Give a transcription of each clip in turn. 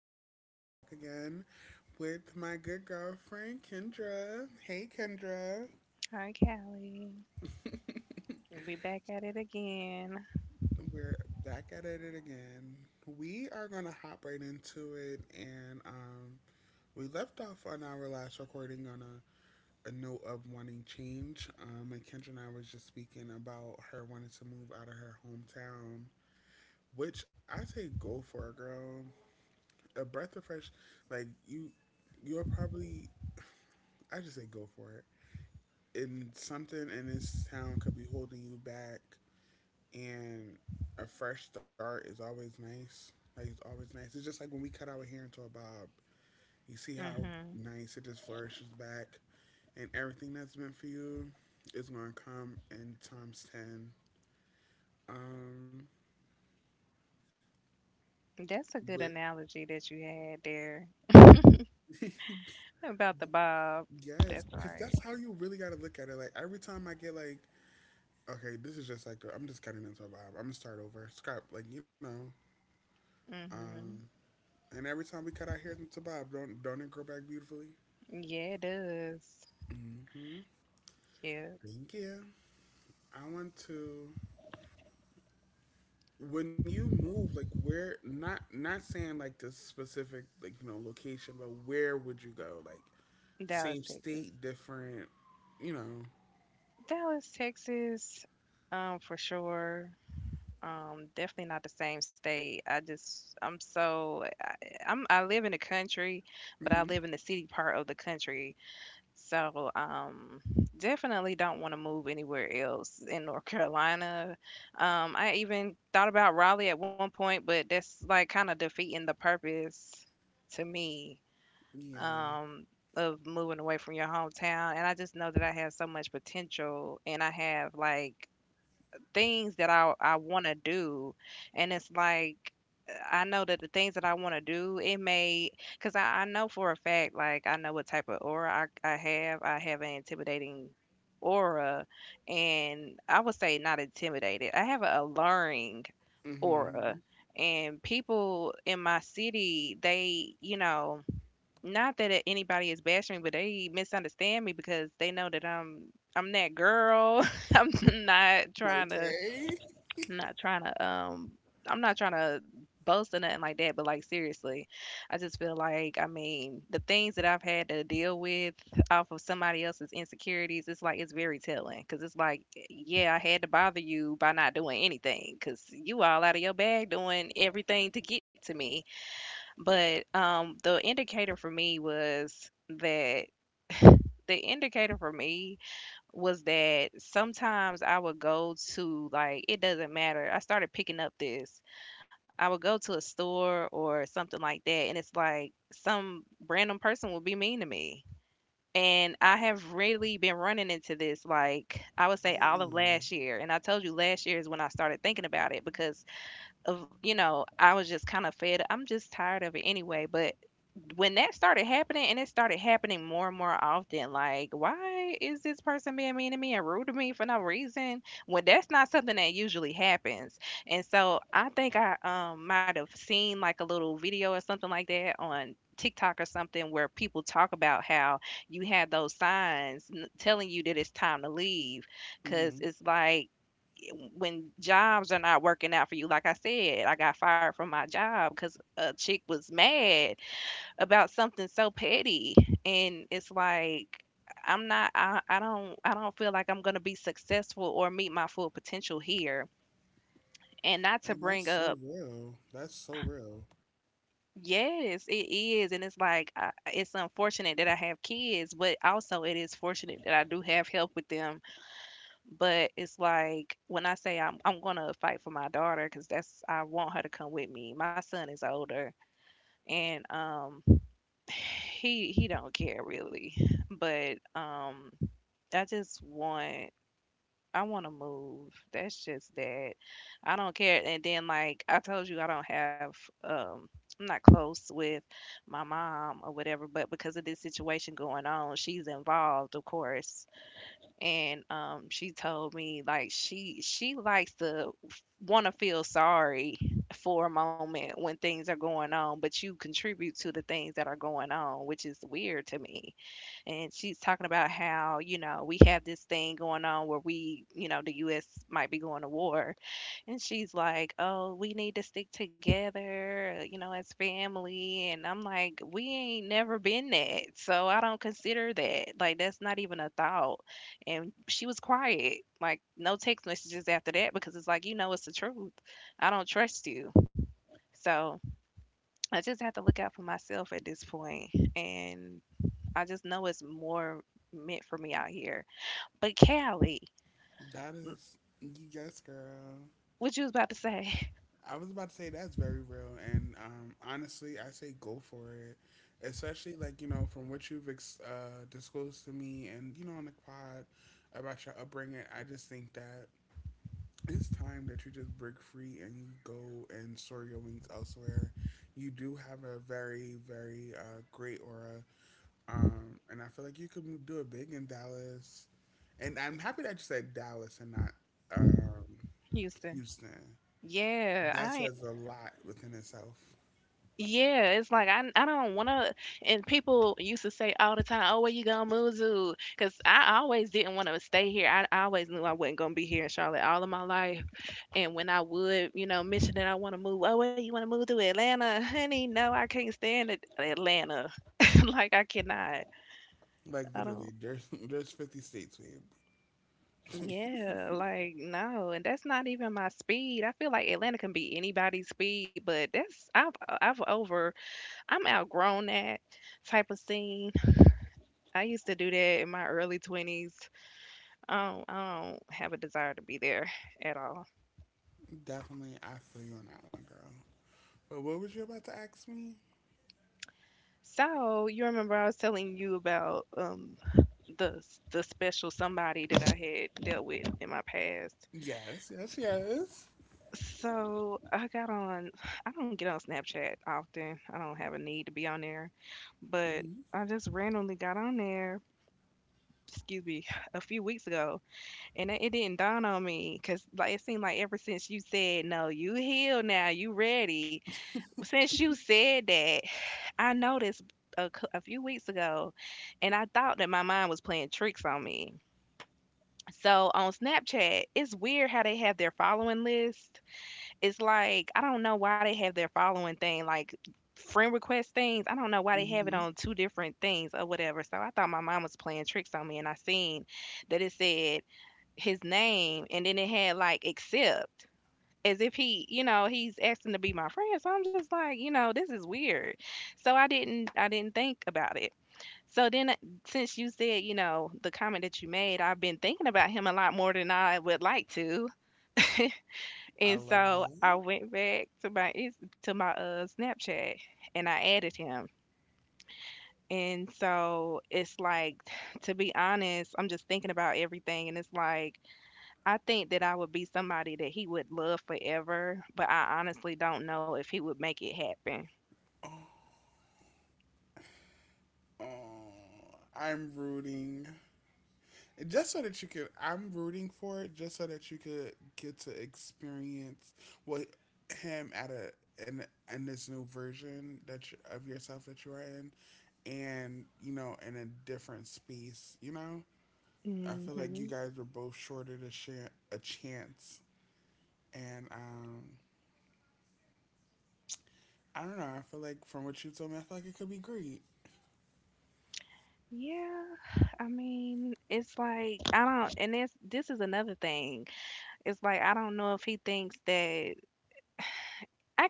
and I'm back again with my good girlfriend Kendra. Hey Kendra, Hi, Callie. We back at it again. we're back at it again. We are gonna hop right into it, and we left off on our last recording on a note of wanting change. And Kendra and I was just speaking about her wanting to move out of her hometown, which I say go for it, girl. A breath of fresh, like you're probably. I just say go for it, and something in this town could be holding you back. And a fresh start is always nice, like it's always nice. It's just like when we cut our hair into a bob, you see how Hmm. nice it just flourishes back, and everything that's meant for you is going to come in times 10. Um That's a but good analogy that you had there about the bob. Yes, That's because right. that's how you really got to look at it. Like every time I get like, okay, this is just like I'm just cutting into a bob, I'm gonna start over, scrap, um Hmm. And every time we cut our hair into bob, don't it grow back beautifully? Yeah, it does. Mm-hmm. Yeah, Thank you. I want to. When you move, like where? Not saying like this specific like you know location, but where would you go? Like Dallas, same Texas. state, different. You know. Dallas, Texas, for sure. Definitely not the same state. I live in the country, but I Mm-hmm. live in the city part of the country. So, definitely don't want to move anywhere else in North Carolina. I even thought about Raleigh at one point, but that's like kind of defeating the purpose to me, Yeah. um, of moving away from your hometown. And I just know that I have so much potential and I have like things that I want to do, and it's like I know that the things that I want to do, it may because I know for a fact, like I know what type of aura I have. I have an intimidating aura, and I would say not intimidated. I have an alluring Mm-hmm. aura. And people in my city, they, you know, not that anybody is bashing me, but they misunderstand me because they know that I'm that girl. I'm not trying to Okay. I'm not trying to um I'm not trying to boast or nothing like that, but like seriously, I just feel like I mean the things that I've had to deal with off of somebody else's insecurities, it's like it's very telling because it's like yeah, I had to bother you by not doing anything because you all out of your bag doing everything to get to me. But the indicator for me was that the indicator for me sometimes I would go to like it doesn't matter. I started picking up this. I would go to a store or something like that and it's like some random person will be mean to me. And I have really been running into this like I would say all of Mm-mm. last year. And I told you last year is when I started thinking about it because of you know I was just kind of fed I'm just tired of it anyway but when that started happening and it started happening more and more often like why is this person being mean to me and rude to me for no reason when that's not something that usually happens and so I think i might have seen like a little video or something like that on TikTok or something where people talk about how you have those signs telling you that it's time to leave because Mm-hmm. it's like when jobs are not working out for you, like I said, I got fired from my job because a chick was mad about something so petty, and it's like I'm not. I don't feel like I'm gonna be successful or meet my full potential here. And not to And that's bring so up. real. That's so real. Yes, it is, and it's like it's unfortunate that I have kids, but also it is fortunate that I do have help with them. But it's like when I say I'm gonna fight for my daughter because that's I want her to come with me. My son is older and he don't care really. But I just want I want to move. That's just that. I don't care. And then like I told you I don't have um I'm not close with my mom or whatever, but because of this situation going on, she's involved, of course, and she told me like she likes to want to feel sorry for a moment when things are going on, but you contribute to the things that are going on, which is weird to me. And she's talking about how you know we have this thing going on where we you know the U.S. might be going to war, and she's like, "Oh, we need to stick together, you know, as family." And I'm like, "We ain't never been that, so I don't consider that. Like, that's not even a thought." And she was quiet, like no text messages after that because it's like, you know, it's the truth. I don't trust you, so I just have to look out for myself at this point. And I just know it's more meant for me out here. But Callie, That mm, is. Yes, girl. what you was about to say, I was about to say that's very real, and honestly, I say go for it. Especially like you know from what you've disclosed to me, and you know, on the pod about your upbringing, I just think that it's time that you just break free and you go and soar your wings elsewhere. You do have a very, very great aura, and I feel like you could do it big in Dallas. And I'm happy that you said Dallas and not um, Houston? Houston. Yeah, That I says a lot within itself. Yeah, it's like I don't want to. And people used to say all the time, "Oh, where you gonna move to?" Because I always didn't want to stay here. I always knew I wasn't gonna be here in Charlotte all of my life. And when I would, you know, mention that I want to move, oh, where you want to move to Atlanta, honey? No, I can't stand it, Atlanta. Like I cannot. Like I don't. literally, there's there's 50 states, babe. Yeah, like no, and that's not even my speed. I feel like Atlanta can be anybody's speed, but that's I've over I'm outgrown that type of scene. I used to do that in my early 20s. I don't have a desire to be there at all. Definitely, I feel you on that one, girl. But what was you about to ask me? So, you remember I was telling you about the the special somebody that I had dealt with in my past. Yes, yes, yes. So, I got on I don't get on Snapchat often. I don't have a need to be on there, but Mhm, I just randomly got on there, excuse me, a few weeks ago, and it didn't dawn on me because like it seemed like ever since you said no, you healed now, you ready, since you said that, I noticed a few weeks ago, and I thought that my mind was playing tricks on me. So on Snapchat, it's weird how they have their following list. It's like I don't know why they have their following thing, like friend request things. I don't know why they have it mhm. on two different things or whatever. So I thought my mom was playing tricks on me, and I seen that it said his name, and then it had like accept as if he, you know, he's asking to be my friend. So I'm just like, you know, this is weird. So I didn't think about it. So then since you said, you know, the comment that you made, I've been thinking about him a lot more than I would like to. I And love so that. I went back to my to my Snapchat and I added him. And so it's like to be honest, I'm just thinking about everything and it's like I think that I would be somebody that he would love forever, but I honestly don't know if he would make it happen. Oh, oh, I'm rooting. Just so that you could, I'm rooting for it. Just so that you could get to experience what, him at a, in in this new version that you, of yourself that you are in, and you know, in a different space. You know, I feel like you Mhm. guys were both shorted a chance, and I don't know. I feel like from what you told me, I feel like it could be great. Yeah. I mean, it's like I don't and this is another thing. It's like I don't know if he thinks that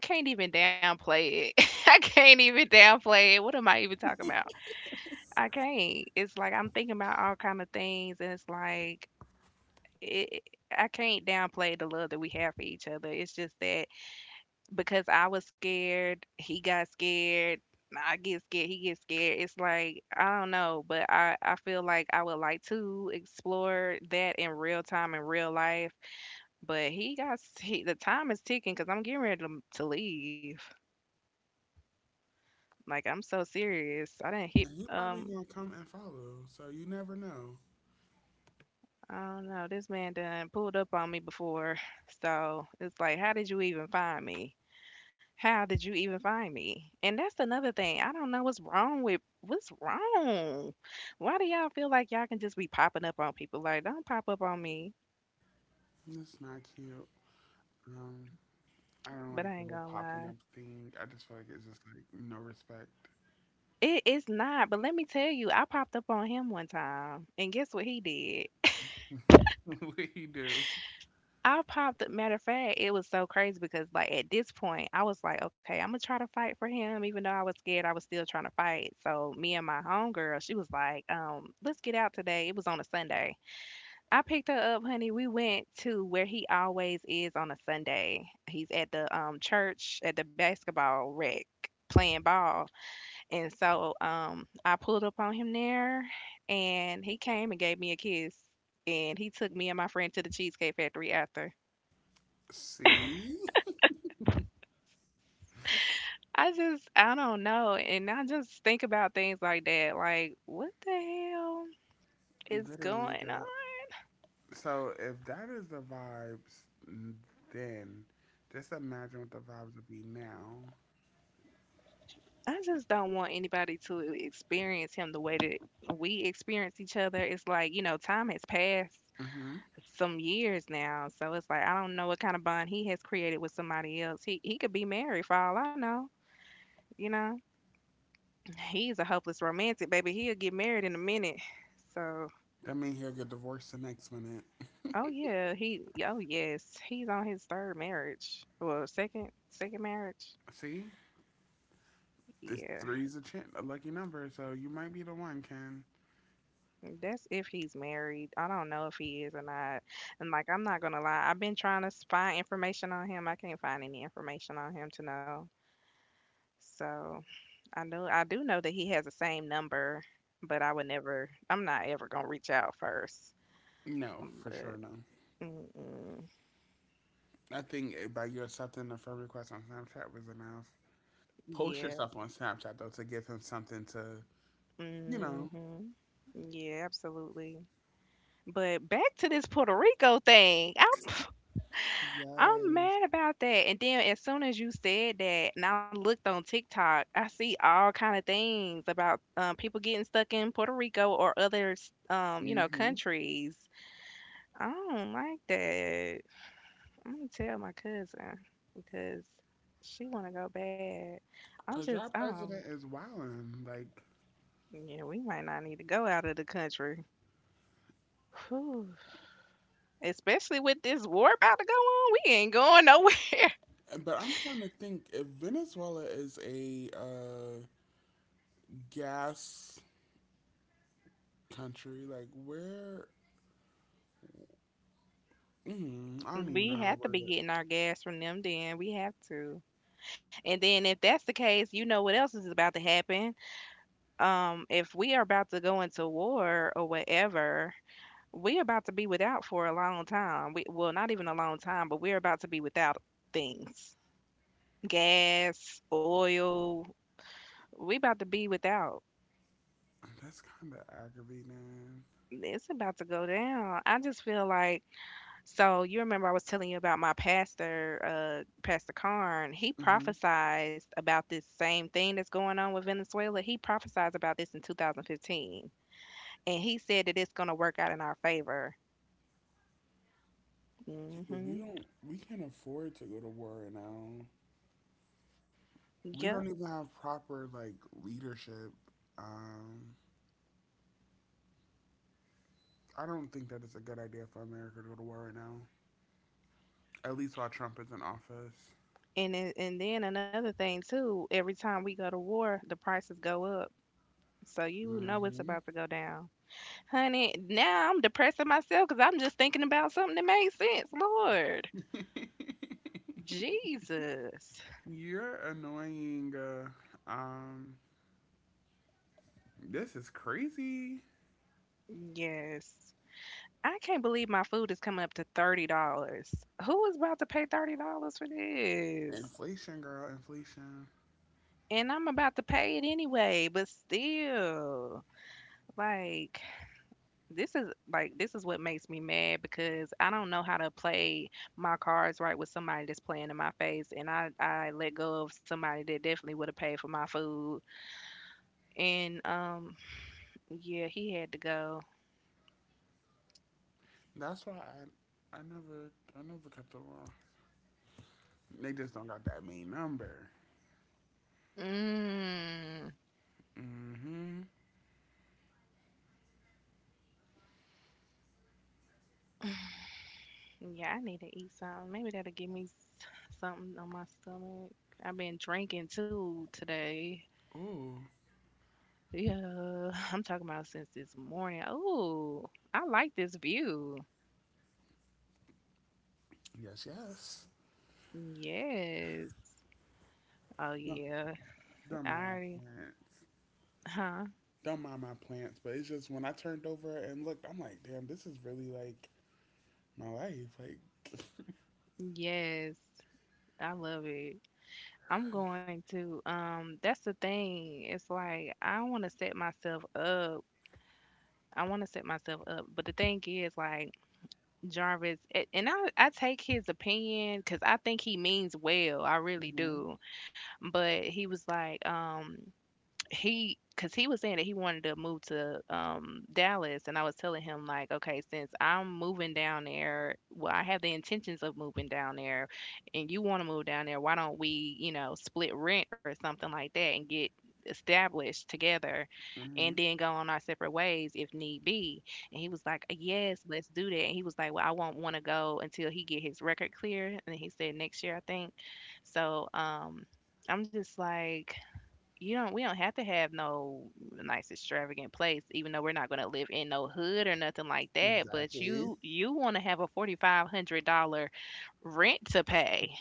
I can't even downplay it. I can't even downplay it. What am I even talking about? I can't. It's like I'm thinking about all kind of things and it's like it, I can't downplay the love that we have for each other. It's just that because I was scared, he got scared, I get scared, he gets scared. It's like I don't know, but I feel like I would like to explore that in real time in real life. But the time is ticking because I'm getting ready to leave. Like I'm so serious. I didn't hit Now, you probably um. gonna come and follow, so you never know. I don't know. This man done pulled up on me before, so it's like, how did you even find me? How did you even find me? And that's another thing. I don't know what's wrong with what's wrong. Why do y'all feel like y'all can just be popping up on people? Like, don't pop up on me. It's not cute. Um, I don't like But I the ain't whole gonna popping up lie. thing. I just feel like it's just like no respect. It's not. But let me tell you, I popped up on him one time, and guess what he did? What you do? I popped up. Matter of fact, it was so crazy because, like, at this point, I was like, okay, I'm gonna try to fight for him, even though I was scared. I was still trying to fight. So me and my homegirl, she was like, let's get out today. It was on a Sunday. I picked her up, honey. We went to where he always is on a Sunday. He's at the church at the basketball rec playing ball. And so I pulled up on him there and he came and gave me a kiss. And he took me and my friend to the Cheesecake Factory after. See, I don't know. And I just think about things like that. Like, what the hell is literally, going on? girl. So if that is the vibes, mm, then just imagine what the vibes would be now. I just don't want anybody to experience him the way that we experience each other. It's like, you know, time has passed Hmm. some years now. So it's like I don't know what kind of bond he has created with somebody else. He could be married for all I know, you know. He's a hopeless romantic, baby. He'll get married in a minute. So That means he'll get divorced the next minute. oh yeah, he oh yes. He's on his third marriage. Well, second marriage. See, this Yeah. three's a chin, a lucky number, so you might be the one, Ken. That's if he's married. I don't know if he is or not. And like, I'm not gonna lie, I've been trying to find information on him. I can't find any information on him to know. So I know I do know that he has the same number, but I would never. I'm not ever gonna reach out first. No, Mm, for sure, but no. mm-mm, I think by you accepting the friend request on Snapchat was enough. Post yeah, yourself on Snapchat though to give him something to, you know. hmm, yeah, absolutely. But back to this Puerto Rico thing. I'm Yes. mad about that. And then as soon as you said that, and I looked on TikTok, I see all kind of things about people getting stuck in Puerto Rico or other, you know, Mhm. countries. I don't like that. I'm gonna tell my cousin because she wanna go bad. I'm Cause just, y'all president is wildin', like. yeah, we might not need to go out of the country. Whew. Especially with this war about to go on. We ain't going nowhere. But I'm trying to think if Venezuela is a gas country, like where? I don't even know how to We have word to it. be getting our gas from them. Then we have to. And then if that's the case, you know what else is about to happen. If we are about to go into war or whatever, we're about to be without for a long time. We, well, not even a long time, but we're about to be without things. Gas, oil. We about to be without. That's kind of aggravating. It's about to go down. I just feel like, so you remember I was telling you about my pastor, Pastor Karn. He Hmm. prophesized about this same thing that's going on with Venezuela. He prophesized about this in 2015, and he said that it's going to work out in our favor. Yeah, but we Hmm. don't. We can't afford to go to war right now. We Yep. don't even have proper like leadership. Um, I don't think that it's a good idea for America to go to war right now. At least while Trump is in office. And then another thing too. Every time we go to war, the prices go up. So you know it's Hmm. about to go down, honey. Now I'm depressing myself because I'm just thinking about something that makes sense. Lord, Jesus. You're annoying. Um, this is crazy. Yes. I can't believe my food is coming up to $30. Who is about to pay $30 for this? Inflation, girl, inflation. And I'm about to pay it anyway, but still. Like, this is like, this is what makes me mad because I don't know how to play my cards right with somebody that's playing in my face and I let go of somebody that definitely would have paid for my food and yeah, he had to go. That's why I never, I never, kept the war. They just don't got that main number. Mm. Mm-hmm. Yeah, I need to eat something. Maybe that'll give me something on my stomach. I've been drinking too today. Ooh. Yeah, I'm talking about since this morning. Oh, I like this view. Yes, yes. Yes. Oh, No, yeah. I don't mind my already, plants. huh? Don't mind my plants. But it's just when I turned over and looked, I'm like, damn, this is really like my life. Like, Yes. I love it. I'm going to, that's the thing. It's like, I want to set myself up. I want to set myself up. But the thing is, like, Jarvis, and I take his opinion because I think he means well. I really Hmm. do. But he was like, he, because he was saying that he wanted to move to Dallas, and I was telling him like, okay, since I'm moving down there, well, I have the intentions of moving down there, and you want to move down there, why don't we, you know, split rent or something like that and get established together and Hmm. then go on our separate ways if need be. And he was like, yes, let's do that." And he was like, well, I won't want to go until he get his record clear, and he said next year I think. So I'm just like, you don't, we don't have to have no nice extravagant place. Even though we're not going to live in no hood or nothing like that, but Exactly. you want to have a $4500 rent to pay,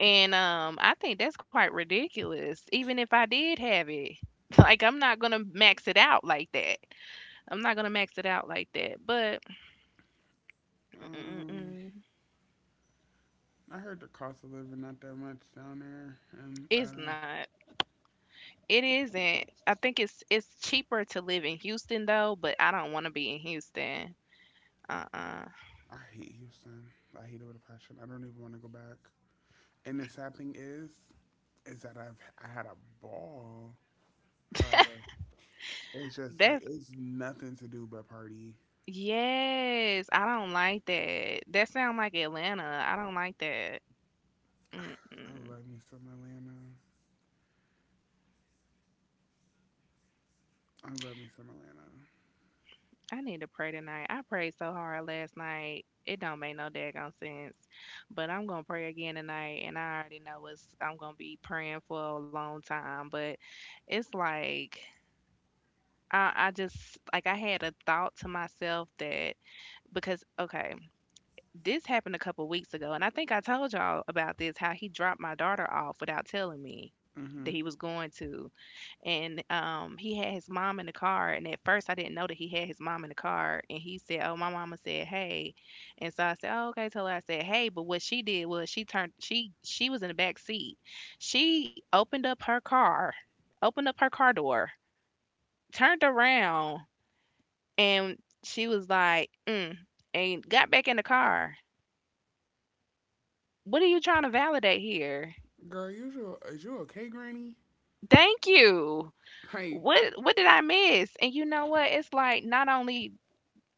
and I think that's quite ridiculous even if I did have it. Like, I'm not going to max it out like that. I'm not going to max it out like that, but Um, mm-mm-mm, I heard the cost of living not that much down there, and it's not it isn't. I think it's cheaper to live in Houston though, but I don't want to be in Houston. Uh-uh. I hate Houston. I hate it with a passion. I don't even want to go back. And the sad thing is that I had a ball. However, it's just like that's it's nothing to do but party. Yes, I don't like that. That sound like Atlanta. I don't like that. I Mm-mm. love me some Atlanta. I love me some Atlanta. I need to pray tonight. I prayed so hard last night. It don't make no daggone sense. But I'm gonna pray again tonight, and I already know it's, I'm gonna be praying for a long time. But it's like I just like I had a thought to myself that, because okay, this happened a couple weeks ago, and I think I told y'all about this, how he dropped my daughter off without telling me that he Hmm. was going to. And he had his mom in the car, and at first I didn't know that he had his mom in the car, and he said, "Oh, my mama said, 'Hey.'" And so I said, "Oh, okay." Told her, I said, "Hey," but what she did was she turned, she was in the back seat. She opened up her car, opened up her car door, turned around, and she was like, mm, and got back in the car. What are you trying to validate here? Girl, usual is you okay, Granny? Thank you. Like What did I miss? And you know what? It's like not only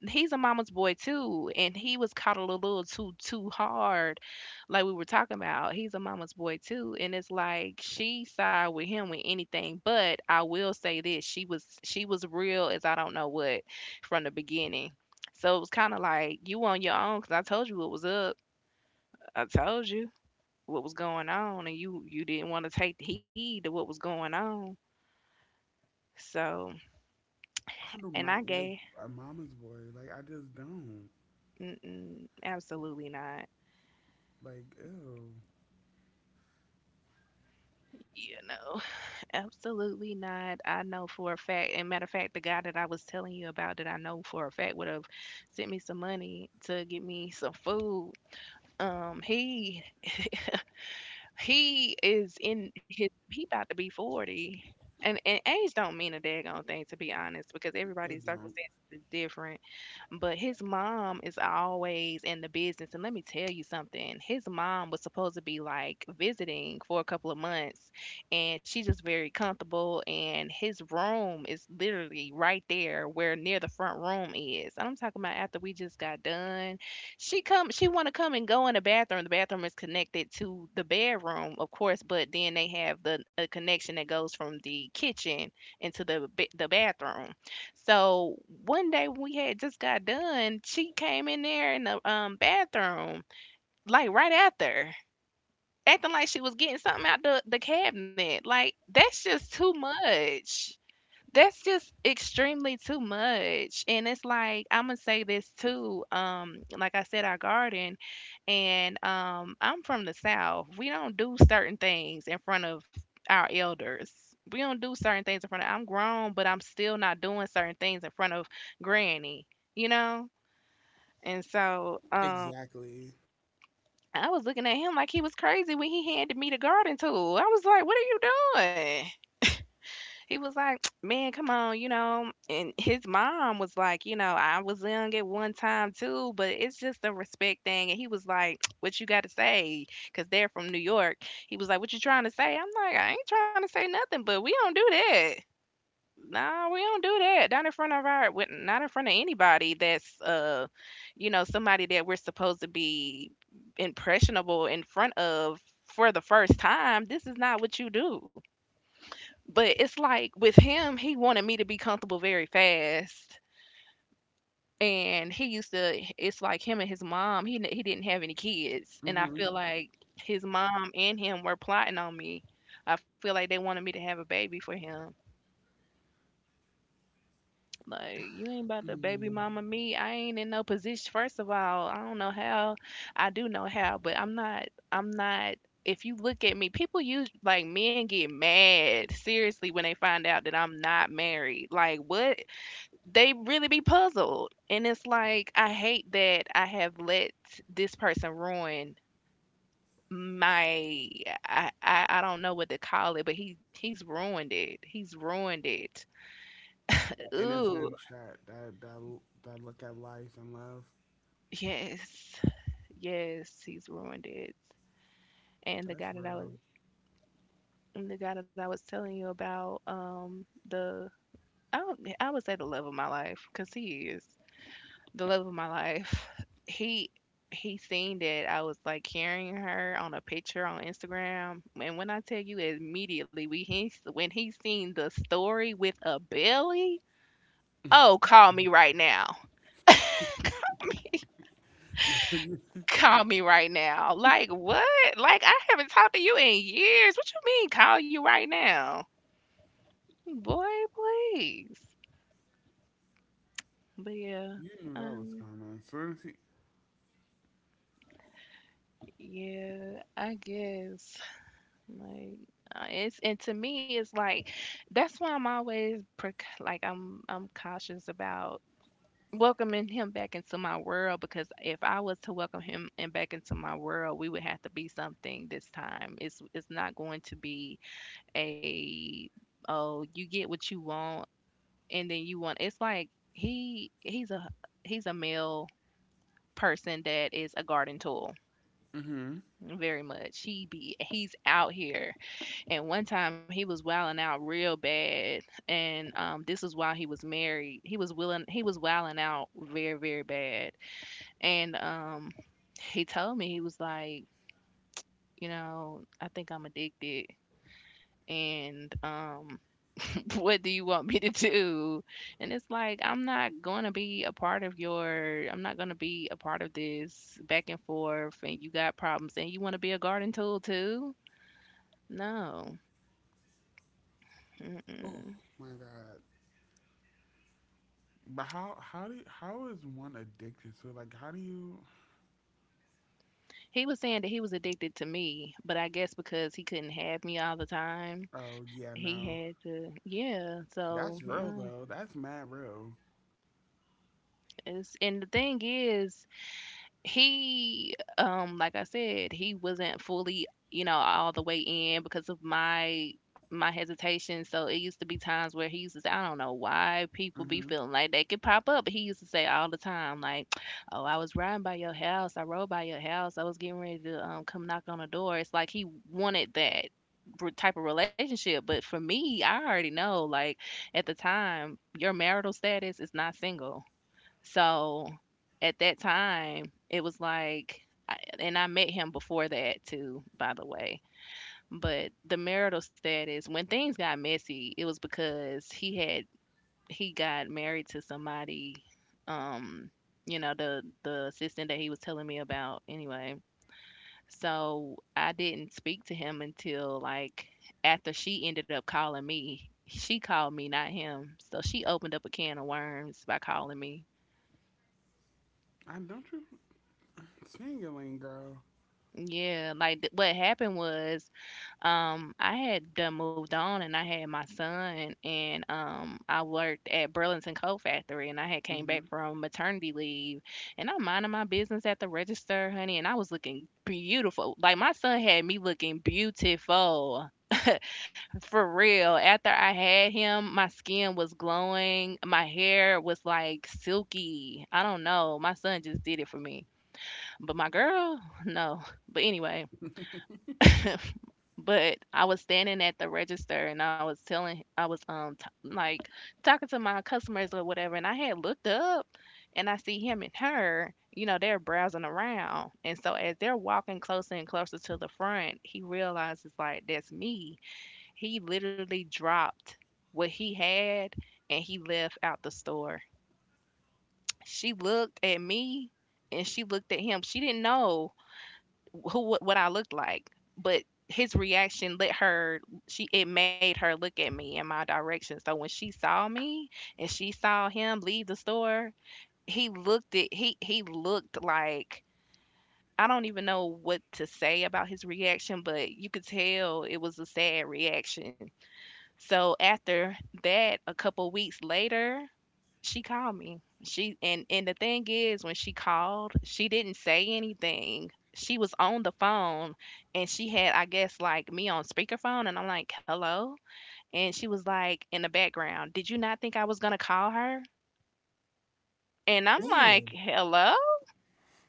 he's a mama's boy too, and he was coddled a little too hard, like we were talking about. He's a mama's boy too, and it's like she side with him with anything. But I will say this: she was real as I don't know what, from the beginning. So it was kind of like you on your own, because I told you what was up. I told you what was going on, and you didn't want to take heed to what was going on. So I do and I not like gay, a mama's boy. Like I just don't. mm-mm, absolutely not. Like ew, You know. Absolutely not. I know for a fact, and matter of fact, the guy that I was telling you about that I know for a fact would have sent me some money to get me some food. He is in his, he about to be 40, and age don't mean a daggone thing, to be honest, because I everybody's don't. circumstances is different, but his mom is always in the business, and let me tell you something, his mom was supposed to be, like, visiting for a couple of months, and she's just very comfortable, and his room is literally right there where near the front room is, and I'm talking about after we just got done, she wanna come and go in the bathroom. The bathroom is connected to the bedroom, of course, but then they have the a connection that goes from the kitchen into the ba the bathroom. So, one day when we had just got done, she came in there in the, bathroom, like, right after, acting like she was getting something out the cabinet. Like, that's just too much. That's just extremely too much. And it's like, I'm gonna say this too, like I said, our garden. And I'm from the South, we don't do certain things in front of our elders. We don't do certain things in front of, I'm grown but I'm still not doing certain things in front of granny, you know. And so Exactly. I was looking at him like he was crazy when he handed me the garden tool. I was like, what are you doing? He was like, "Man, come on, you know." And his mom was like, "You know, I was young at one time too, but it's just a respect thing." And he was like, "What you got to say?" Because they're from New York. He was like, "What you trying to say?" I'm like, "I ain't trying to say nothing, but we don't do that. No, we don't do that. Not in front of our, not in front of anybody that's, you know, somebody that we're supposed to be impressionable in front of." For the first time, this is not what you do. But it's like with him, he wanted me to be comfortable very fast. And he used to, it's like him and his mom, he didn't have any kids. And I Hmm. feel like his mom and him were plotting on me. I feel like they wanted me to have a baby for him. Like, you ain't about to baby mm mama me. I ain't in no position. First of all, I don't know how. I do know how, but I'm not. If you look at me, people use like men get mad seriously when they find out that I'm not married. Like, what? They really be puzzled. And it's like, I hate that I have let this person ruin my— I don't know what to call it, but he's ruined it. He's ruined it. That Ooh, innocence, that look at life and love. yes. Yes, he's ruined it. And the That's guy that I real. was and the guy that I was telling you about, the— I would say the love of my life, cause he is. The love of my life. He he seen that I was like carrying her on a picture on Instagram, and when I tell you immediately, we he when he seen the story with a belly, oh, call me right now. you, Call me right now. Like what? Like I haven't talked to you in years. What you mean call you right now? Boy, please. But yeah. you knew that was Um coming. So he, yeah, I guess. Like, it's— and to me it's like that's why I'm always pre— like I'm cautious about welcoming him back into my world, because if I was to welcome him and back into my world, we would have to be something this time. It's not going to be a— oh, you get what you want and then you want— it's like he's a— he's a male person that is a garden tool, mm-hmm. very much. He's out here. And one time he was wilding out real bad, and this was while he was married. He was willing. He was wilding out very, very bad. And he told me, he was like, you know, I think I'm addicted. And what do you want me to do? And it's like, I'm not gonna be a part of your— I'm not gonna be a part of this back and forth. And you got problems, and you want to be a garden tool too? No. Oh Mm-mm. my god. But how how is one addicted to it? Like how do you? He was saying that he was addicted to me, but I guess because he couldn't have me all the time, Oh yeah, he no. had to, yeah. That's So, real no. though. That's mad real. It's— and the thing is, he, like I said, he wasn't fully, you know, all the way in because of my— my hesitation. So it used to be times where he used to say— I don't know why people be Mm-hmm. feeling like they could pop up, but he used to say all the time, like, oh, I was riding by your house, I rode by your house, I was getting ready to come knock on the door. It's like he wanted that re— type of relationship. But for me, I already know, like, at the time, your marital status is not single, so, at that time, it was like— I, and I met him before that too, by the way. But the marital status, when things got messy, it was because he had— he got married to somebody, um, you know, the assistant that he was telling me about anyway. So I didn't speak to him until like after she ended up calling me. She called me, not him. So she opened up a can of worms by calling me. I don't, you sing it, Lane girl. Yeah, like, th— what happened was, I had done moved on and I had my son and, I worked at Burlington Coat Factory and I had came back from maternity leave, and I'm minding my business at the register, honey, and I was looking beautiful. Like my son had me looking beautiful. For real. After I had him, my skin was glowing. My hair was like silky. I don't know. My son just did it for me. But my girl, no. But anyway, but I was standing at the register and I was telling— I was t— like talking to my customers or whatever, and I had looked up and I see him and her, you know, they're browsing around. And so as they're walking closer and closer to the front, he realizes like that's me. He literally dropped what he had and he left out the store. She looked at me and she looked at him. She didn't know who— what I looked like, but his reaction let her— she— it made her look at me in my direction. So when she saw me and she saw him leave the store, he looked— it he looked like— I don't even know what to say about his reaction, but you could tell it was a sad reaction. So after that, a couple weeks later, she called me. She— and the thing is, when she called, she didn't say anything. She was on the phone and she had I guess like me on speakerphone and I'm like, "Hello?" And she was like in the background, "Did you not think I was going to call her?" And I'm like, Ew. "Hello?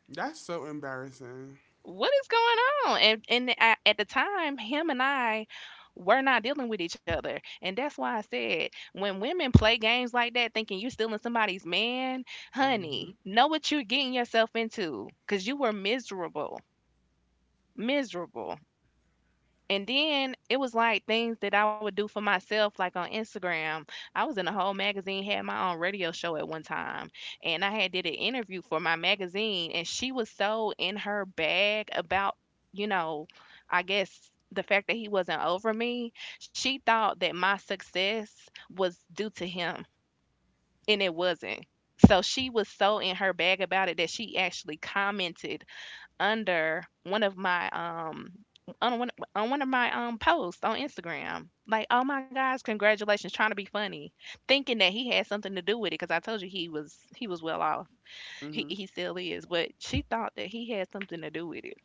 That's so embarrassing. What is going on?" And I— at the time, him and I were not dealing with each other, and that's why I said, when women play games like that, thinking you stealing somebody's man, Mm-hmm. honey, know what you're getting yourself into, cause you were miserable, miserable. And then it was like things that I would do for myself, like on Instagram. I was in a whole magazine, had my own radio show at one time, and I had did an interview for my magazine, and she was so in her bag about, you know, I guess the fact that he wasn't over me. She thought that my success was due to him, and it wasn't. So she was so in her bag about it that she actually commented under one of my on one of my posts on Instagram. Like, oh my gosh, congratulations, trying to be funny, thinking that he had something to do with it, because I told you he was— he was well off. He Mm-hmm. he still is, but she thought that he had something to do with it,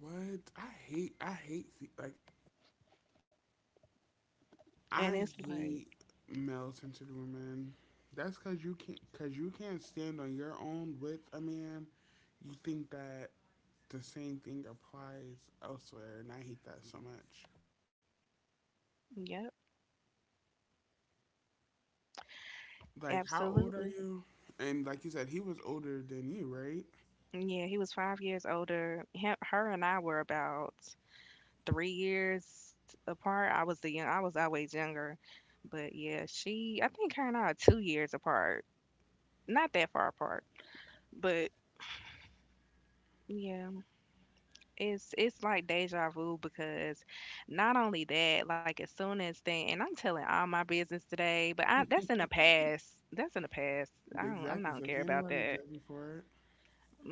What? Like and I it's like, hate male centered women. That's cause you can't stand on your own with a man. You think that the same thing applies elsewhere, and I hate that so much. yep, Like how old are absolutely. you? And like you said, he was older than you, right? Yeah, he was 5 years older. Him, her and I were about 3 years apart. I was the young— I was always younger, but yeah, she— I think her and I are 2 years apart, not that far apart, but yeah, it's like deja vu because not only that, like as soon as thing— and I'm telling all my business today, but I— that's in the past. That's in the past. I don't— I'm Exactly. not So gonna care can't about nobody that. judge him for it.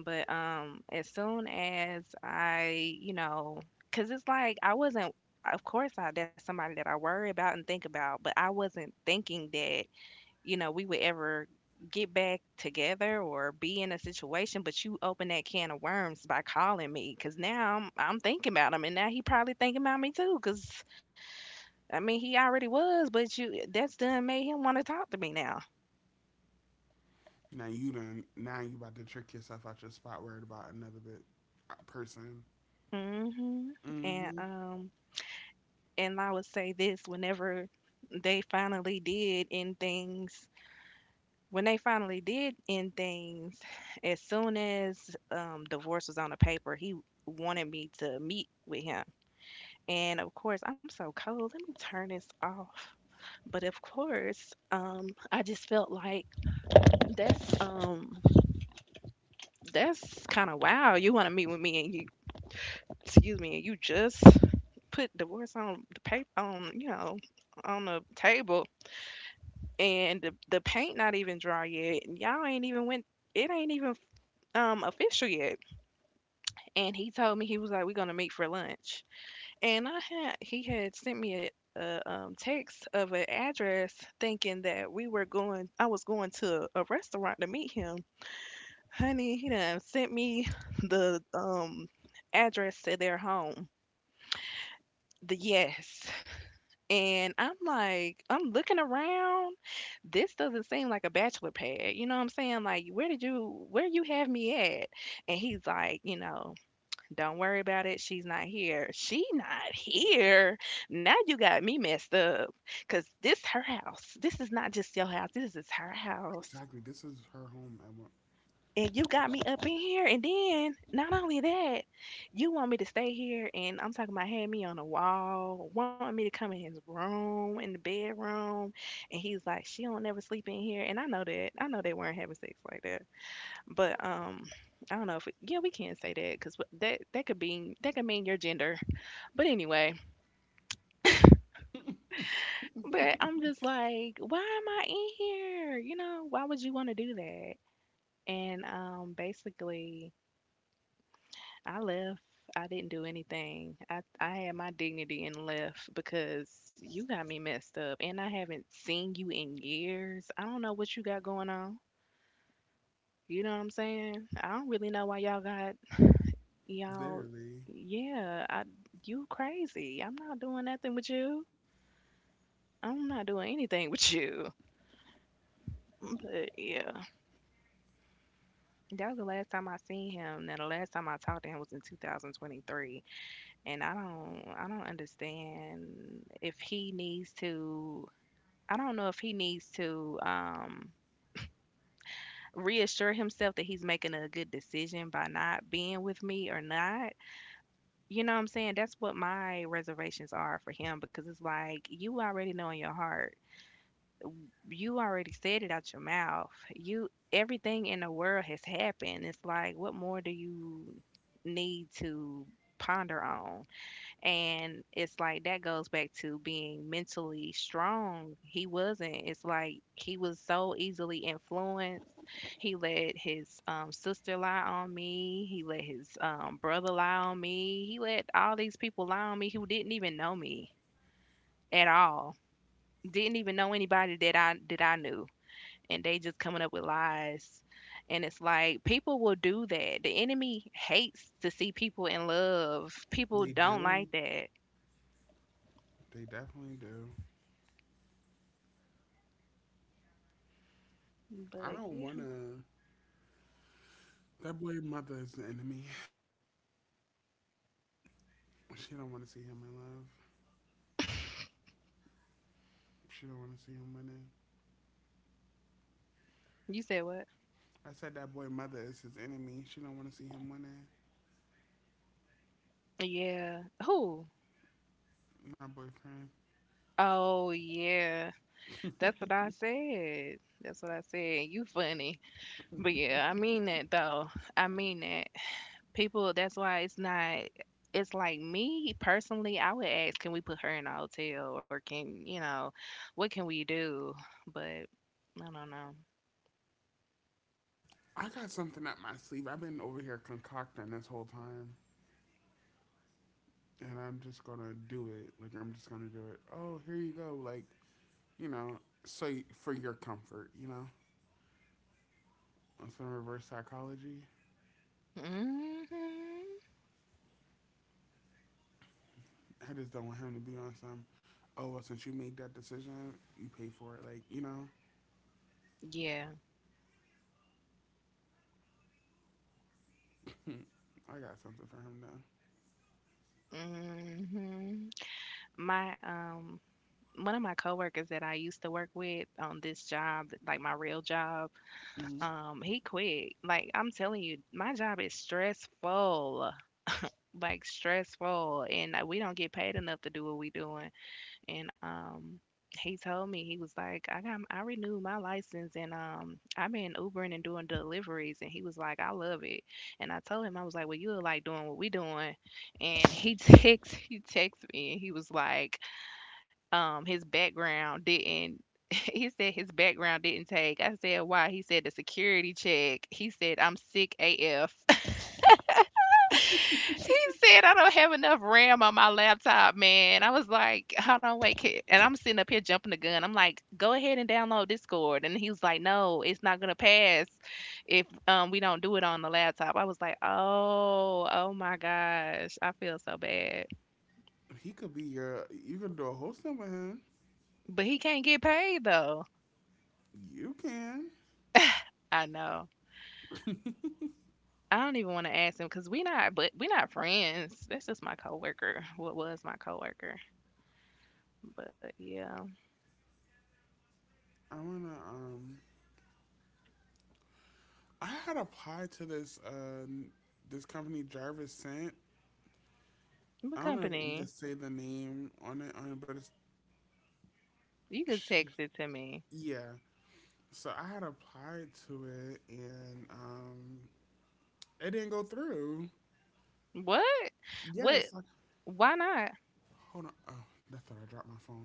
But as soon as I, you know, cause it's like I wasn't— of course, I— that's somebody that I worry about and think about, but I wasn't thinking that, you know, we would ever get back together or be in a situation, but you open that can of worms by calling me because now I'm— I'm thinking about him and now he probably thinking about me too because I mean, he already was, but you— that's done made him want to talk to me now. Now you done. Now you about to trick yourself out your spot, worried about another bit person. Hmm. And, Hmm. um, and I would say this: whenever they finally did end things, when they finally did end things, as soon as divorce was on the paper, he wanted me to meet with him. And of course, I'm so cold. Let me turn this off. But of course, I just felt like that's um that's kind of wow. You want to meet with me and you— excuse me— and you just put divorce on the paper, on, you know, on the table, and the— the paint not even dry yet and y'all ain't even went— it ain't even official yet. And he told me, he was like, we're gonna meet for lunch. And I had— he had sent me a— a text of an address, thinking that we were going— I was going to a restaurant to meet him. Honey, he done sent me the address to their home. The— yes. And I'm like, I'm looking around. This doesn't seem like a bachelor pad. You know what I'm saying? Like, where did you— where you have me at? And he's like, you know, don't worry about it. She's not here. She not here. Now you got me messed up. Cause this her house. This is not just your house. This is her house. Exactly. This is her home. At one, And you got me up in here. And then not only that, you want me to stay here, and I'm talking about had me on the wall, wanting me to come in his room, in the bedroom. And he's like, she don't never sleep in here. And I know that. I know they weren't having sex like that. But I don't know if we— yeah, we can not say that, because that— that could be— that could mean your gender. But anyway, but I'm just like, why am I in here? You know, why would you want to do that? And basically, I left. I didn't do anything. I had my dignity and left because you got me messed up. And I haven't seen you in years. I don't know what you got going on. You know what I'm saying? I don't really know why y'all got y'all. literally, Yeah, I, you crazy. I'm not doing nothing with you. I'm not doing anything with you. But yeah. That was the last time I seen him. Now the last time I talked to him was in 2023, and I don't understand if he needs to. I don't know if he needs to reassure himself that he's making a good decision by not being with me or not. You know what I'm saying? That's what my reservations are for him because it's like you already know in your heart, you already said it out your mouth. You, everything in the world has happened. It's like what more do you need to ponder on? And it's like that goes back to being mentally strong. He wasn't. It's like he was so easily influenced. He let his sister lie on me. He let his brother lie on me. He let all these people lie on me who didn't even know me at all. Didn't even know anybody that I knew, and they just coming up with lies. And it's like people will do that. The enemy hates to see people in love. People they don't like do. that. They definitely do. I But don't yeah. wanna. That boy mother is the enemy. She don't want to see him in love. She don't want to see him winning. You said what? I said that boy mother is his enemy. She don't want to see him winning. Yeah. Who? My boyfriend. Oh yeah. That's what I said. That's what I said. You funny. But yeah, I mean that though. I mean that. People, that's why it's not. It's like me personally, I would ask, can we put her in a hotel or can, you know, what can we do? But I don't know. I got something up my sleeve. I've been over here concocting this whole time, and I'm just gonna do it. Like I'm just gonna do it. Oh, here you go. Like you know, so for your comfort, on some reverse psychology. Hmm. I just don't want him to be on some. Oh well, since you made that decision, you pay for it. Like Yeah. I got something for him now. Hmm. My one of my coworkers that I used to work with on this job, like my real job, Hmm. He quit. Like I'm telling you, my job is stressful. Like stressful, and we don't get paid enough to do what we doing. And he told me, he was like, I got I renewed my license, and I've been ubering and doing deliveries, and he was like, I love it. And I told him, I was like, well, you look like doing what we doing. And he text he texted me and he was like, his background didn't he said his background didn't take. I said, why? He said the security check. He said, I'm sick af. He said, "I don't have enough RAM on my laptop, man." I was like, "Hold on, wait." Kid. And I'm sitting up here jumping the gun. I'm like, "Go ahead and download Discord." And he was like, "No, it's not gonna pass if we don't do it on the laptop." I was like, "Oh, oh my gosh, I feel so bad." He could be your. You could do a whole thing with him. But he can't get paid though. You can. I know. I don't even want to ask him because we not, but we not friends. That's just my coworker. What was my coworker? But yeah, I wanna. I had applied to this. This company Jarvis sent. the I don't know if we could company. say the name on it, but it's You could text it to me. yeah. So I had applied to it, and it didn't go through. What? What? Yes. Why not? hold on. Oh, that's what I dropped my phone.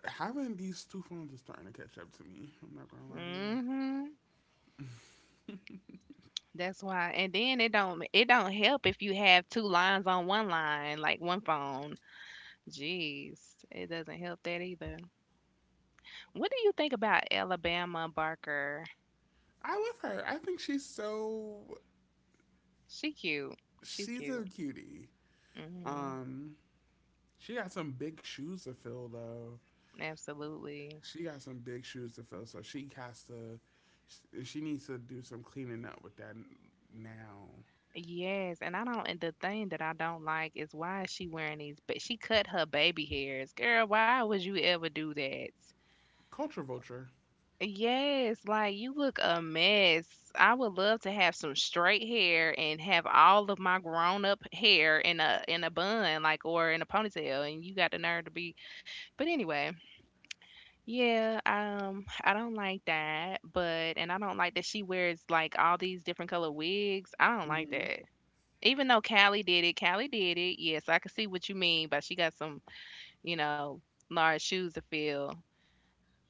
Having these two phones is starting to catch up to me. I'm not gonna lie to you. Mhm. That's why. And then it don't help if you have two lines on one line, like one phone. Jeez, it doesn't help that either. What do you think about Alabama Barker? I love her. I think She cute. She's she's a cute. cutie. Mhm. Um, she got some big shoes to fill though. Absolutely. She got some big shoes to fill, so she has to. She needs to do some cleaning up with that now. Yes, and I don't. And the thing that I don't like is why is she wearing these? But she cut her baby hairs, girl. Why would you ever do that? Culture vulture. Yes, like you look a mess. I would love to have some straight hair and have all of my grown up hair in a bun, like or in a ponytail, and you got the nerve to be. But anyway, yeah, I don't like that. But and I don't like that she wears like all these different color wigs. I don't like that. Even though Callie did it, Callie did it. Yes, I can see what you mean, but she got some, you know, large shoes to fill,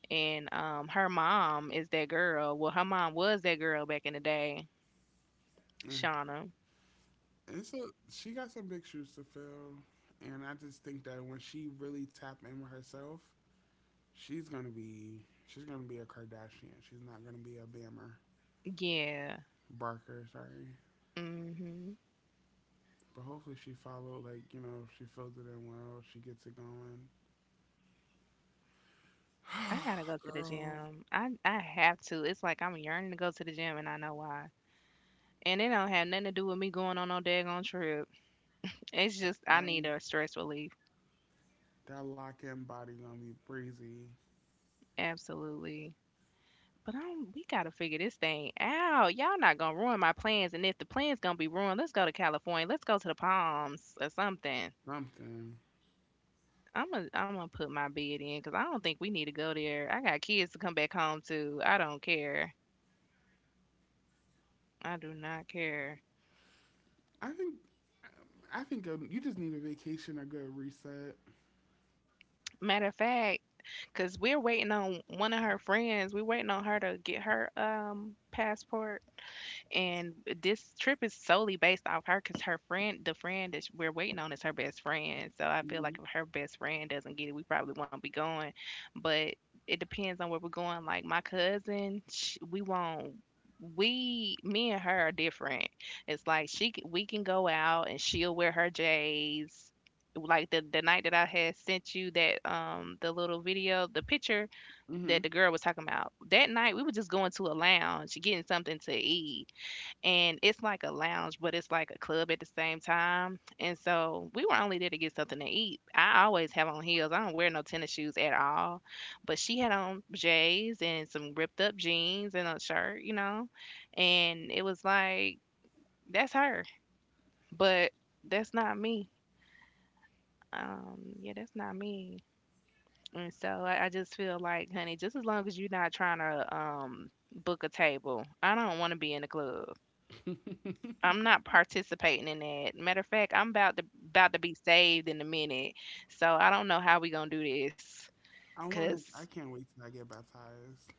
and her mom is that girl. Well, her mom was that girl back in the day, Shauna. It's a, she got some big shoes to fill, and I just think that when she really tap in with herself, she's gonna be a Kardashian. She's not gonna be a Bammer Yeah. Barker. Sorry, Mhm. but hopefully she follow like you know she fills it in well. She gets it going. I gotta go to the Girl, gym. I have to. It's like I'm yearning to go to the gym, and I know why. And it don't have nothing to do with me going on no daggone trip. It's just I need um, a stress relief. that lock in body gonna be breezy. Absolutely. But I'm, we gotta figure this thing out. Y'all not gonna ruin my plans, and if the plans gonna be ruined, let's go to California. Let's go to the Palms or something. Something. I'm gonna put my bid in because I don't think we need to go there. I got kids to come back home to. I don't care. I do not care. I think I think you just need a vacation, a good reset. Matter of fact, because we're waiting on one of her friends. We're waiting on her to get her passport. And this trip is solely based off her because her friend, the friend that we're waiting on, is her best friend. So I feel like if her best friend doesn't get it, we probably won't be going. But it depends on where we're going. Like my cousin, sh we won't. We, me and her are different. It's like she, we can go out and she'll wear her J's. Like the night that I had sent you that the little video, the picture Mm-hmm. that the girl was talking about. That night we were just going to a lounge, getting something to eat, and it's like a lounge, but it's like a club at the same time. And so we were only there to get something to eat. I always have on heels. I don't wear no tennis shoes at all. But she had on J's and some ripped up jeans and a shirt, you know. And it was like that's her, but that's not me. Yeah, that's not me. And so I just feel like, honey, just as long as you're not trying to book a table, I don't want to be in the club. I'm not participating in that. Matter of fact, I'm about to be saved in a minute. So I don't know how we gonna do this. I want Cause to. I can't wait till I get baptized.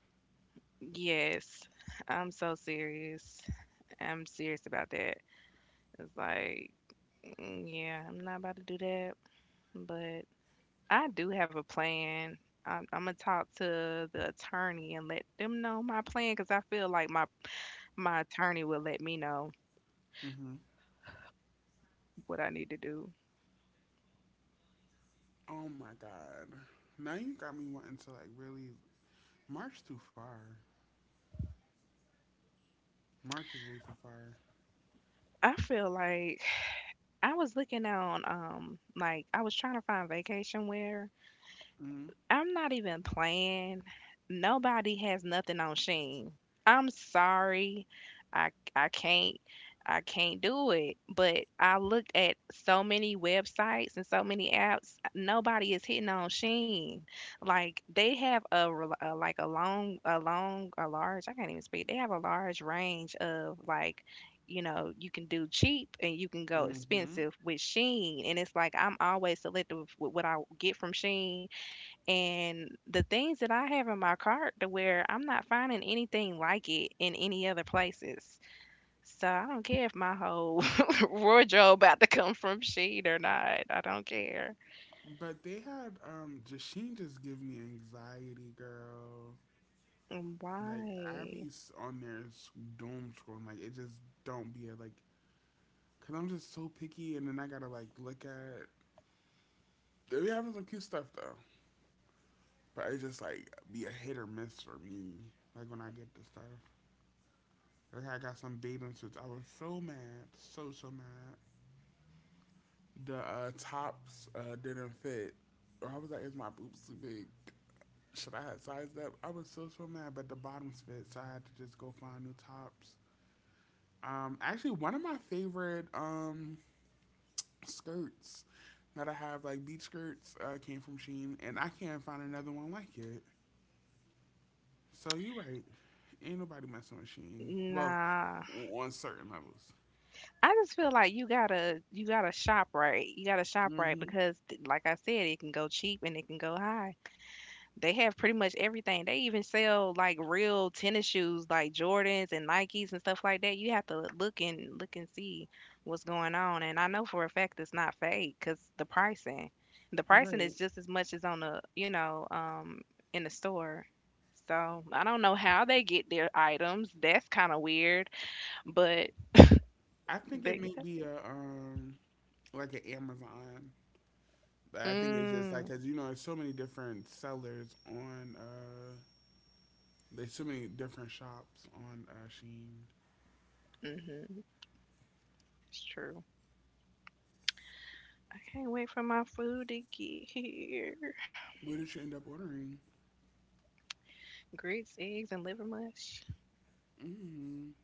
yes, I'm so serious. I'm serious about that. It's like, yeah, I'm not about to do that. But I do have a plan. I'm gonna talk to the attorney and let them know my plan. Cause I feel like my attorney will let me know Hmm. what I need to do. Oh my god. Now you got me wanting to like really march too far. March is way too far. I feel like I was looking on like I was trying to find vacation wear. Mm. I'm not even playing. Nobody has nothing on Sheen. I'm sorry. I can't, I can't do it. But I looked at so many websites and so many apps. Nobody is hitting on Sheen. Like they have a, a like a large. I can't even speak. They have a large range of like. You know, you can do cheap and you can go Hmm. expensive with Sheen. And it's like I'm always selective with what I get from Sheen and the things that I have in my cart, to where I'm not finding anything like it in any other places. So I don't care if my whole wardrobe about to come from Shein or not. I don't care. But they had Jasheen just give me anxiety, girl. Like Why? Abby's on there doom scrolling. Like it just don't be a like. Cause I'm just so picky, and then I gotta like look at. They be having some cute stuff though, but it's just like be a hit or miss for me. Like when I get the stuff. That's how I got some bathing suits. I was so mad, so so mad. The tops didn't fit. Or I was like, is my boobs too big? Should I have sized up? I was so so mad, but the bottoms fit, so I had to just go find new tops. Actually, one of my favorite skirts that I have, like beach skirts, came from Shein, and I can't find another one like it. So you're right. Ain't nobody messing with Shein. Well, Nah. on certain levels. I just feel like you gotta shop right. You gotta shop right Hmm. because like I said, it can go cheap and it can go high. They have pretty much everything. They even sell like real tennis shoes, like Jordans and Nikes and stuff like that. You have to look and look and see what's going on. And I know for a fact it's not fake because the pricing Right. is just as much as on the, you know, in the store. So I don't know how they get their items. That's kind of weird, but I think it they, may be a like an Amazon. Like, I think it's just like mm, because you know there's so many different sellers on there's so many different shops on Sheen. mm-hmm, it's true. I can't wait for my food to get here. What did you end up ordering? Grits, eggs, and liver mush. Mm.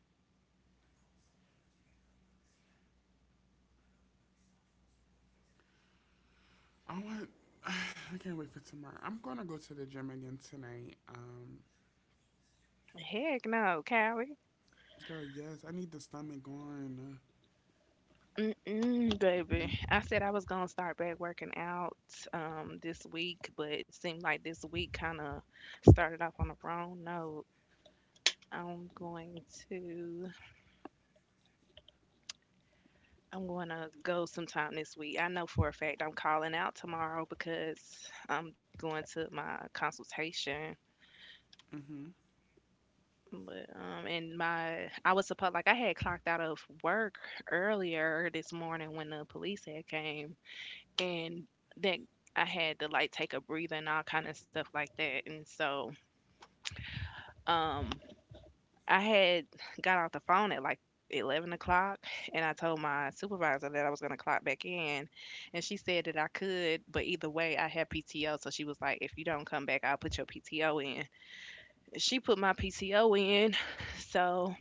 I want. I can't wait for tomorrow. I'm gonna go to the gym again tonight. Heck no, Callie. Girl, yes, I need the stomach going. Mm-mm, Uh, baby. I said I was gonna start back working out this week, but it seemed like this week kind of started off on the wrong note. I'm going to I'm going to go sometime this week. I know for a fact I'm calling out tomorrow because I'm going to my consultation. mm-hmm. But and my I was supposed like I had clocked out of work earlier this morning when the police had came, and that I had to like take a breather and all kind of stuff like that. And so um, I had got off the phone at like 11 o'clock, and I told my supervisor that I was going to clock back in. And she said that I could, but either way, I had PTO. So she was like, if you don't come back, I'll put your PTO in. She put my PTO in. So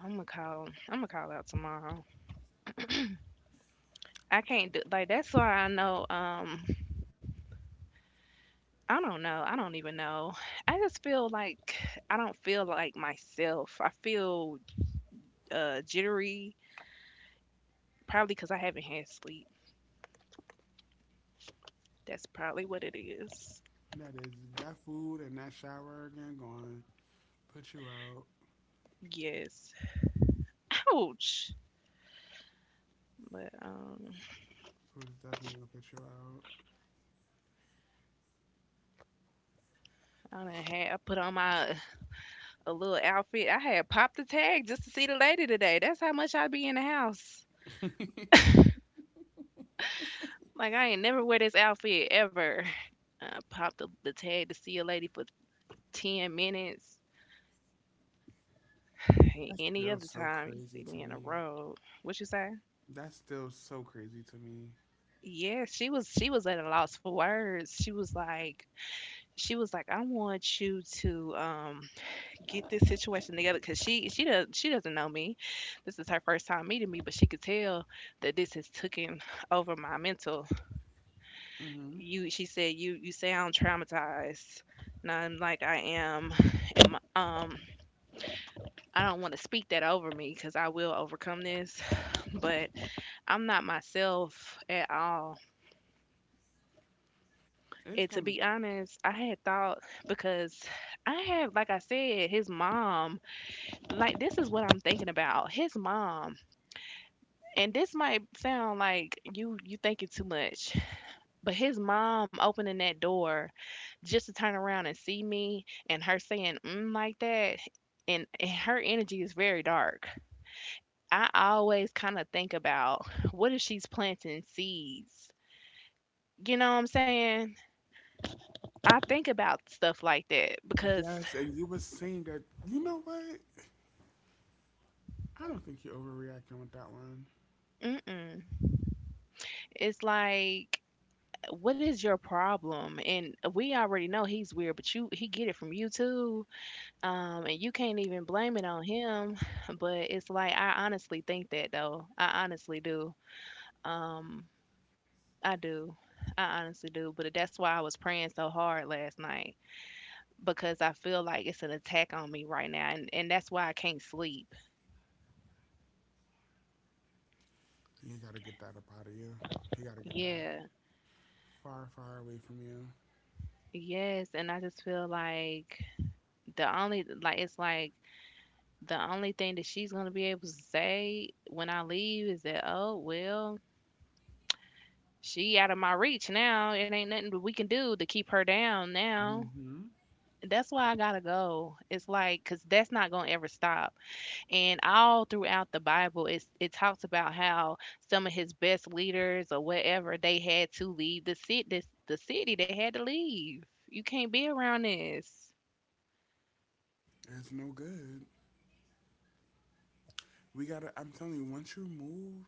I'm gonna call. I'm gonna call out tomorrow. I can't do like that's why I know. I don't know. I don't even know. I just feel like I don't feel like myself. I feel jittery, probably because I haven't had sleep. That's probably what it is. That is that food and that shower again going put you out. Yes. Ouch. But Food is definitely gonna put I done had I put on my a little outfit. I had popped the tag just to see the lady today. That's how much I be in the house. you out. Like I ain't never wear this outfit ever. I popped the tag to see a lady for 10 minutes. Hey, That's any still other so time you crazy see to me in a me. road, what you say? That's still so crazy to me. Yeah, she was at a loss for words. She was like, I want you to get this situation together because she doesn't know me. This is her first time meeting me, but she could tell that this has taken over my mental. Hmm. You She said you sound traumatized, and I'm like I am. And I don't want to speak that over me because I will overcome this, but I'm not myself at all. It's And to gonna. be honest, I had thought because I had, like I said, his mom. Like this is what I'm thinking about. His mom, and this might sound like you thinking too much, but his mom opening that door just to turn around and see me, and her saying mm like that, and her energy is very dark. I always kind of think about what if she's planting seeds. You know what I'm saying? I think about stuff like that because Yes, and you were saying that. You know what? I don't think you're overreacting with that one. mm-mm. It's like, what is your problem? And we already know he's weird, but you he get it from you too. And you can't even blame it on him. But it's like I honestly think that though. I honestly do. Um, I do. I honestly do. But that's why I was praying so hard last night because I feel like it's an attack on me right now, and that's why I can't sleep. You gotta get that up out of you. You gotta get that Yeah. far, far away from you. Yes, and I just feel like the only like it's like the only thing that she's gonna be able to say when I leave is that, oh well, she out of my reach now, it ain't nothing that we can do to keep her down now. Hmm. That's why I gotta go. It's like, cause that's not gonna ever stop. And all throughout the Bible, it talks about how some of his best leaders or whatever they had to leave the city, this the city they had to leave. You can't be around this. It's no good. We gotta. I'm telling you, once you move,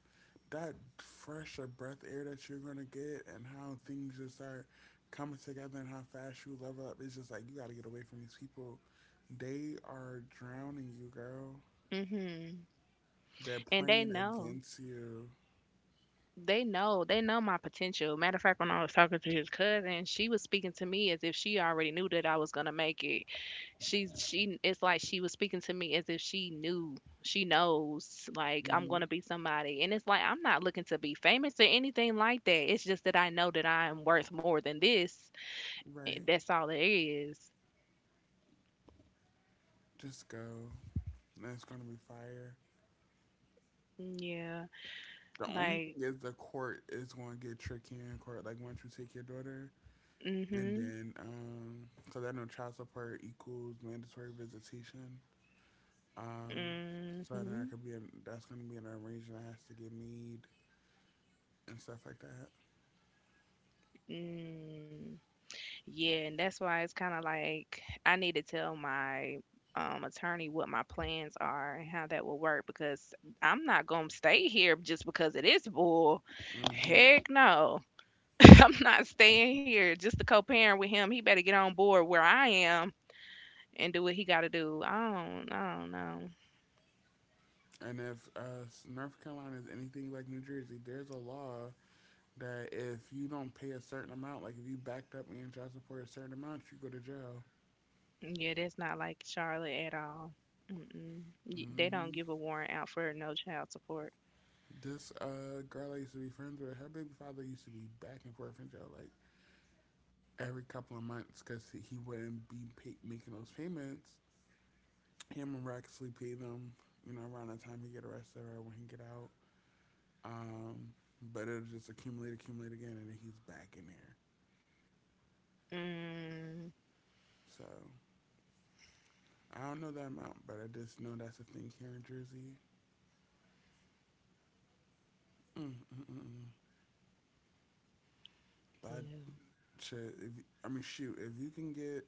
that fresh of breath air that you're gonna get, and how things just start coming together, and how fast you level up, it's just like you gotta get away from these people. They are drowning you, girl. Hmm. They're and they praying know against you. they know they know my potential. Matter of fact, when I was talking to his cousin, she was speaking to me as if she already knew that I was gonna make it. She's she It's like she was speaking to me as if she knows like I'm Hmm. gonna be somebody. And it's like I'm not looking to be famous or anything like that. It's just that I know that I am worth more than this. Eh, Right. that's all it is. Just go. That's gonna be fire. Yeah. The only Like, thing is the court is gonna get tricky in court. Like once you take your daughter, and mm-hmm. then because I know child support equals mandatory visitation. Um, so then I Mm-hmm. could be in, that's gonna be an arrangement that has to get made and stuff like that. Mm. Yeah, and that's why it's kind of like I need to tell my attorney what my plans are and how that will work because I'm not going to stay here just because it is bull. Hmm. Heck no. I'm not staying here just to co-parent with him. He better get on board where I am and do what he got to do. I don't know. And if North Carolina is anything like New Jersey, there's a law that if you don't pay a certain amount, like if you backed up and child support a certain amount, you go to jail. Yeah, that's not like Charlotte at all. Mm-mm. Y- They don't Hmm. give a warrant out for no child support. This girl I used to be friends with, her baby father used to be back and forth in jail like every couple of months because he wouldn't be making those payments. Him and Rex actually pay them, you know, around the time he get arrested or when he get out. Um, but it'll just accumulate, accumulate again, and then he's back in there. Mm, So I don't know that amount, but I just know that's a thing here in Jersey. Mm, mm, mm, mm. But yeah. shit, if, I mean, shoot, if you can get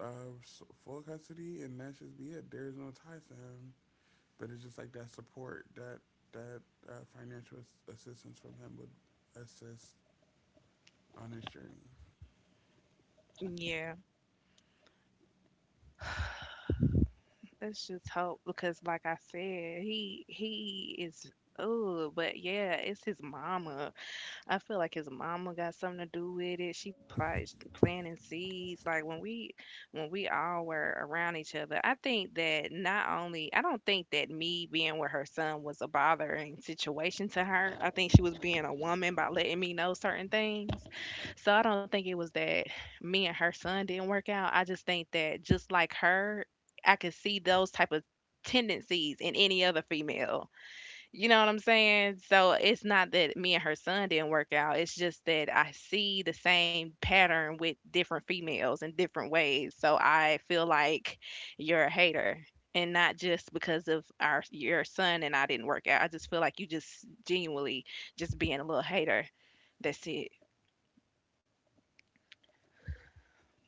uh, full custody and that should be it, there's no ties to him. But it's just like that support, that uh, financial assistance from him would assist on his journey. Yeah. Let's just hope because, like I said, he is. Oh, but yeah, it's his mama. I feel like his mama got something to do with it. She probably s- planting seeds. Like when we all were around each other, I think that not only I don't think that me being with her son was a bothering situation to her. I think she was being a woman by letting me know certain things. So I don't think it was that me and her son didn't work out. I just think that just like her, I could see those type of tendencies in any other female. You know what I'm saying? So it's not that me and her son didn't work out. It's just that I see the same pattern with different females in different ways. So I feel like you're a hater. And not just because of our your son and I didn't work out. I just feel like you just genuinely just being a little hater. That's it.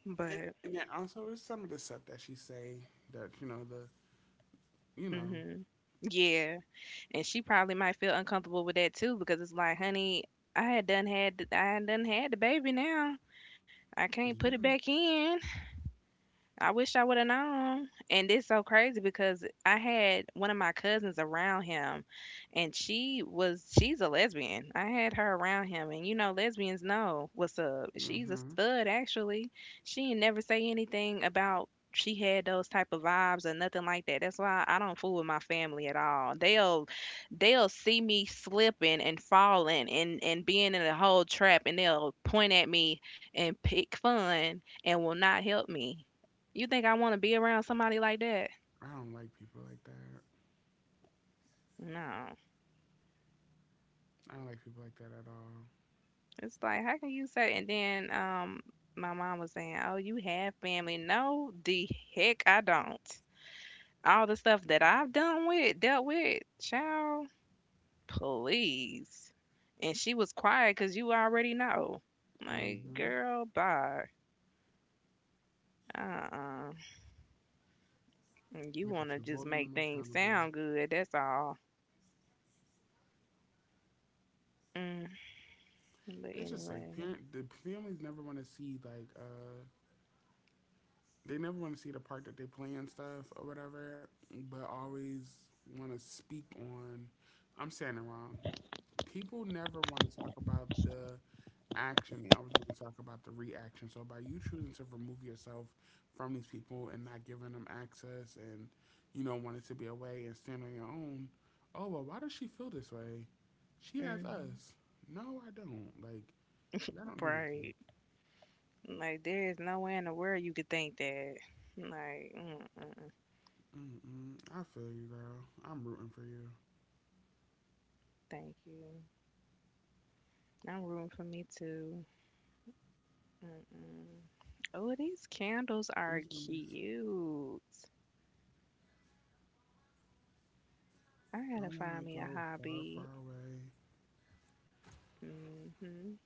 But And then also, there's some of the stuff that she say that you know the you know hmm, yeah. And she probably might feel uncomfortable with that too because it's like, honey, I had done had the baby now. I can't put it back yeah. in. I wish I would have known. And it's so crazy because I had one of my cousins around him and she's a lesbian. I had her around him, and you know lesbians know what's up. She's a Mm-hmm. stud actually. She ain't never say anything about she had those type of vibes or nothing like that. That's why I don't fool with my family at all. They'll see me slipping and falling and being in a whole trap, and they'll point at me and pick fun and will not help me. You think I want to be around somebody like that? I don't like people like that. No. I don't like people like that at all. It's like, how can you say? And then my mom was saying, "Oh, you have family." No, the heck I don't. All the stuff that I've dealt with, child, please. And she was quiet because you already know. Like, Hmm. girl, bye. Uh-uh. You Look want at to you just holding make them things accountable. sound good. That's all. Mm. But It's just like anyway, parent. The families never want to see like they never want to see the part that they play and stuff or whatever, but always want to speak on. I'm saying it wrong. People never want to talk about the action. I always want to talk about the reaction. So by you choosing to remove yourself from these people and not giving them access, and you know wanting to be away and stand on your own. Oh well, why does she feel this way? She has mm, us. No, I don't. Like y'all don't do nothing. right. Like there is no way in the world you could think that. Like, mm-mm, Mm-mm. I feel you, girl. I'm rooting for you. thank you. I'm rooting for me too. Mm-mm. Oh, these candles are These movies. cute. I I gotta want find to me a go far, hobby. far away. Hmm.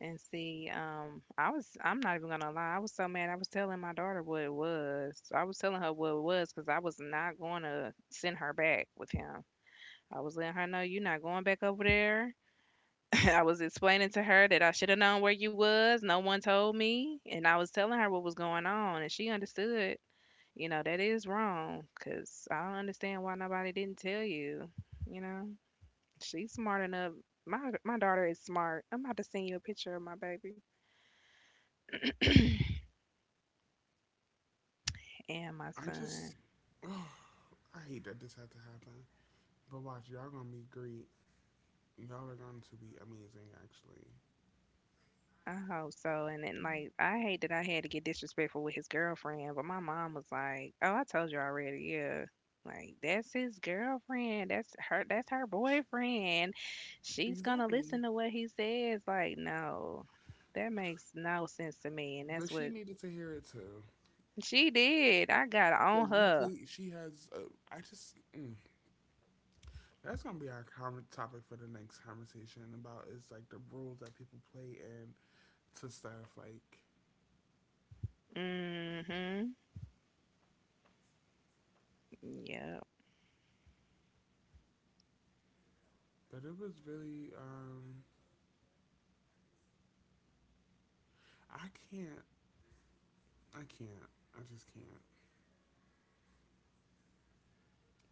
And see, I'm not even gonna lie, I was so mad. I was telling my daughter what it was. I was telling her what it was because I was not gonna send her back with him. I was letting her know you're not going back over there. I was explaining to her that I should have known where you was. No one told me, and I was telling her what was going on, and she understood. You know that is wrong, cause I don't understand why nobody didn't tell you. You know, she's smart enough. My daughter is smart. I'm about to send you a picture of my baby and my I son. just. Oh, I hate that this had to happen. But watch, y'all gonna meet Greed. Y'all are going to be amazing, actually. I hope so. And then, like, I hate that I had to get disrespectful with his girlfriend, but my mom was like, "Oh, I told you already. Yeah, like that's his girlfriend. That's her. That's her boyfriend. She's gonna listen Exactly. to what he says." Like, no, that makes no sense to me. And that's But what she needed to hear it too. she did. I got on But you her. play. She has. I just. Mm, that's gonna be our topic for the next conversation about is like the roles that people play in to stuff like. Mm-hmm. Yep. But it was really. I can't. I can't. I just can't.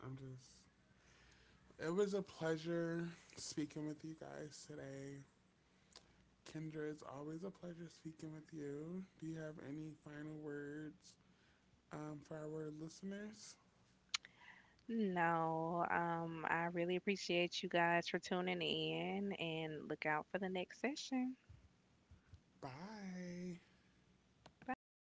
I'm just. It was a pleasure speaking with you guys today. Kendra, it's always a pleasure speaking with you. Do you have any final words for our listeners? No, I really appreciate you guys for tuning in and look out for the next session. Bye. Bye.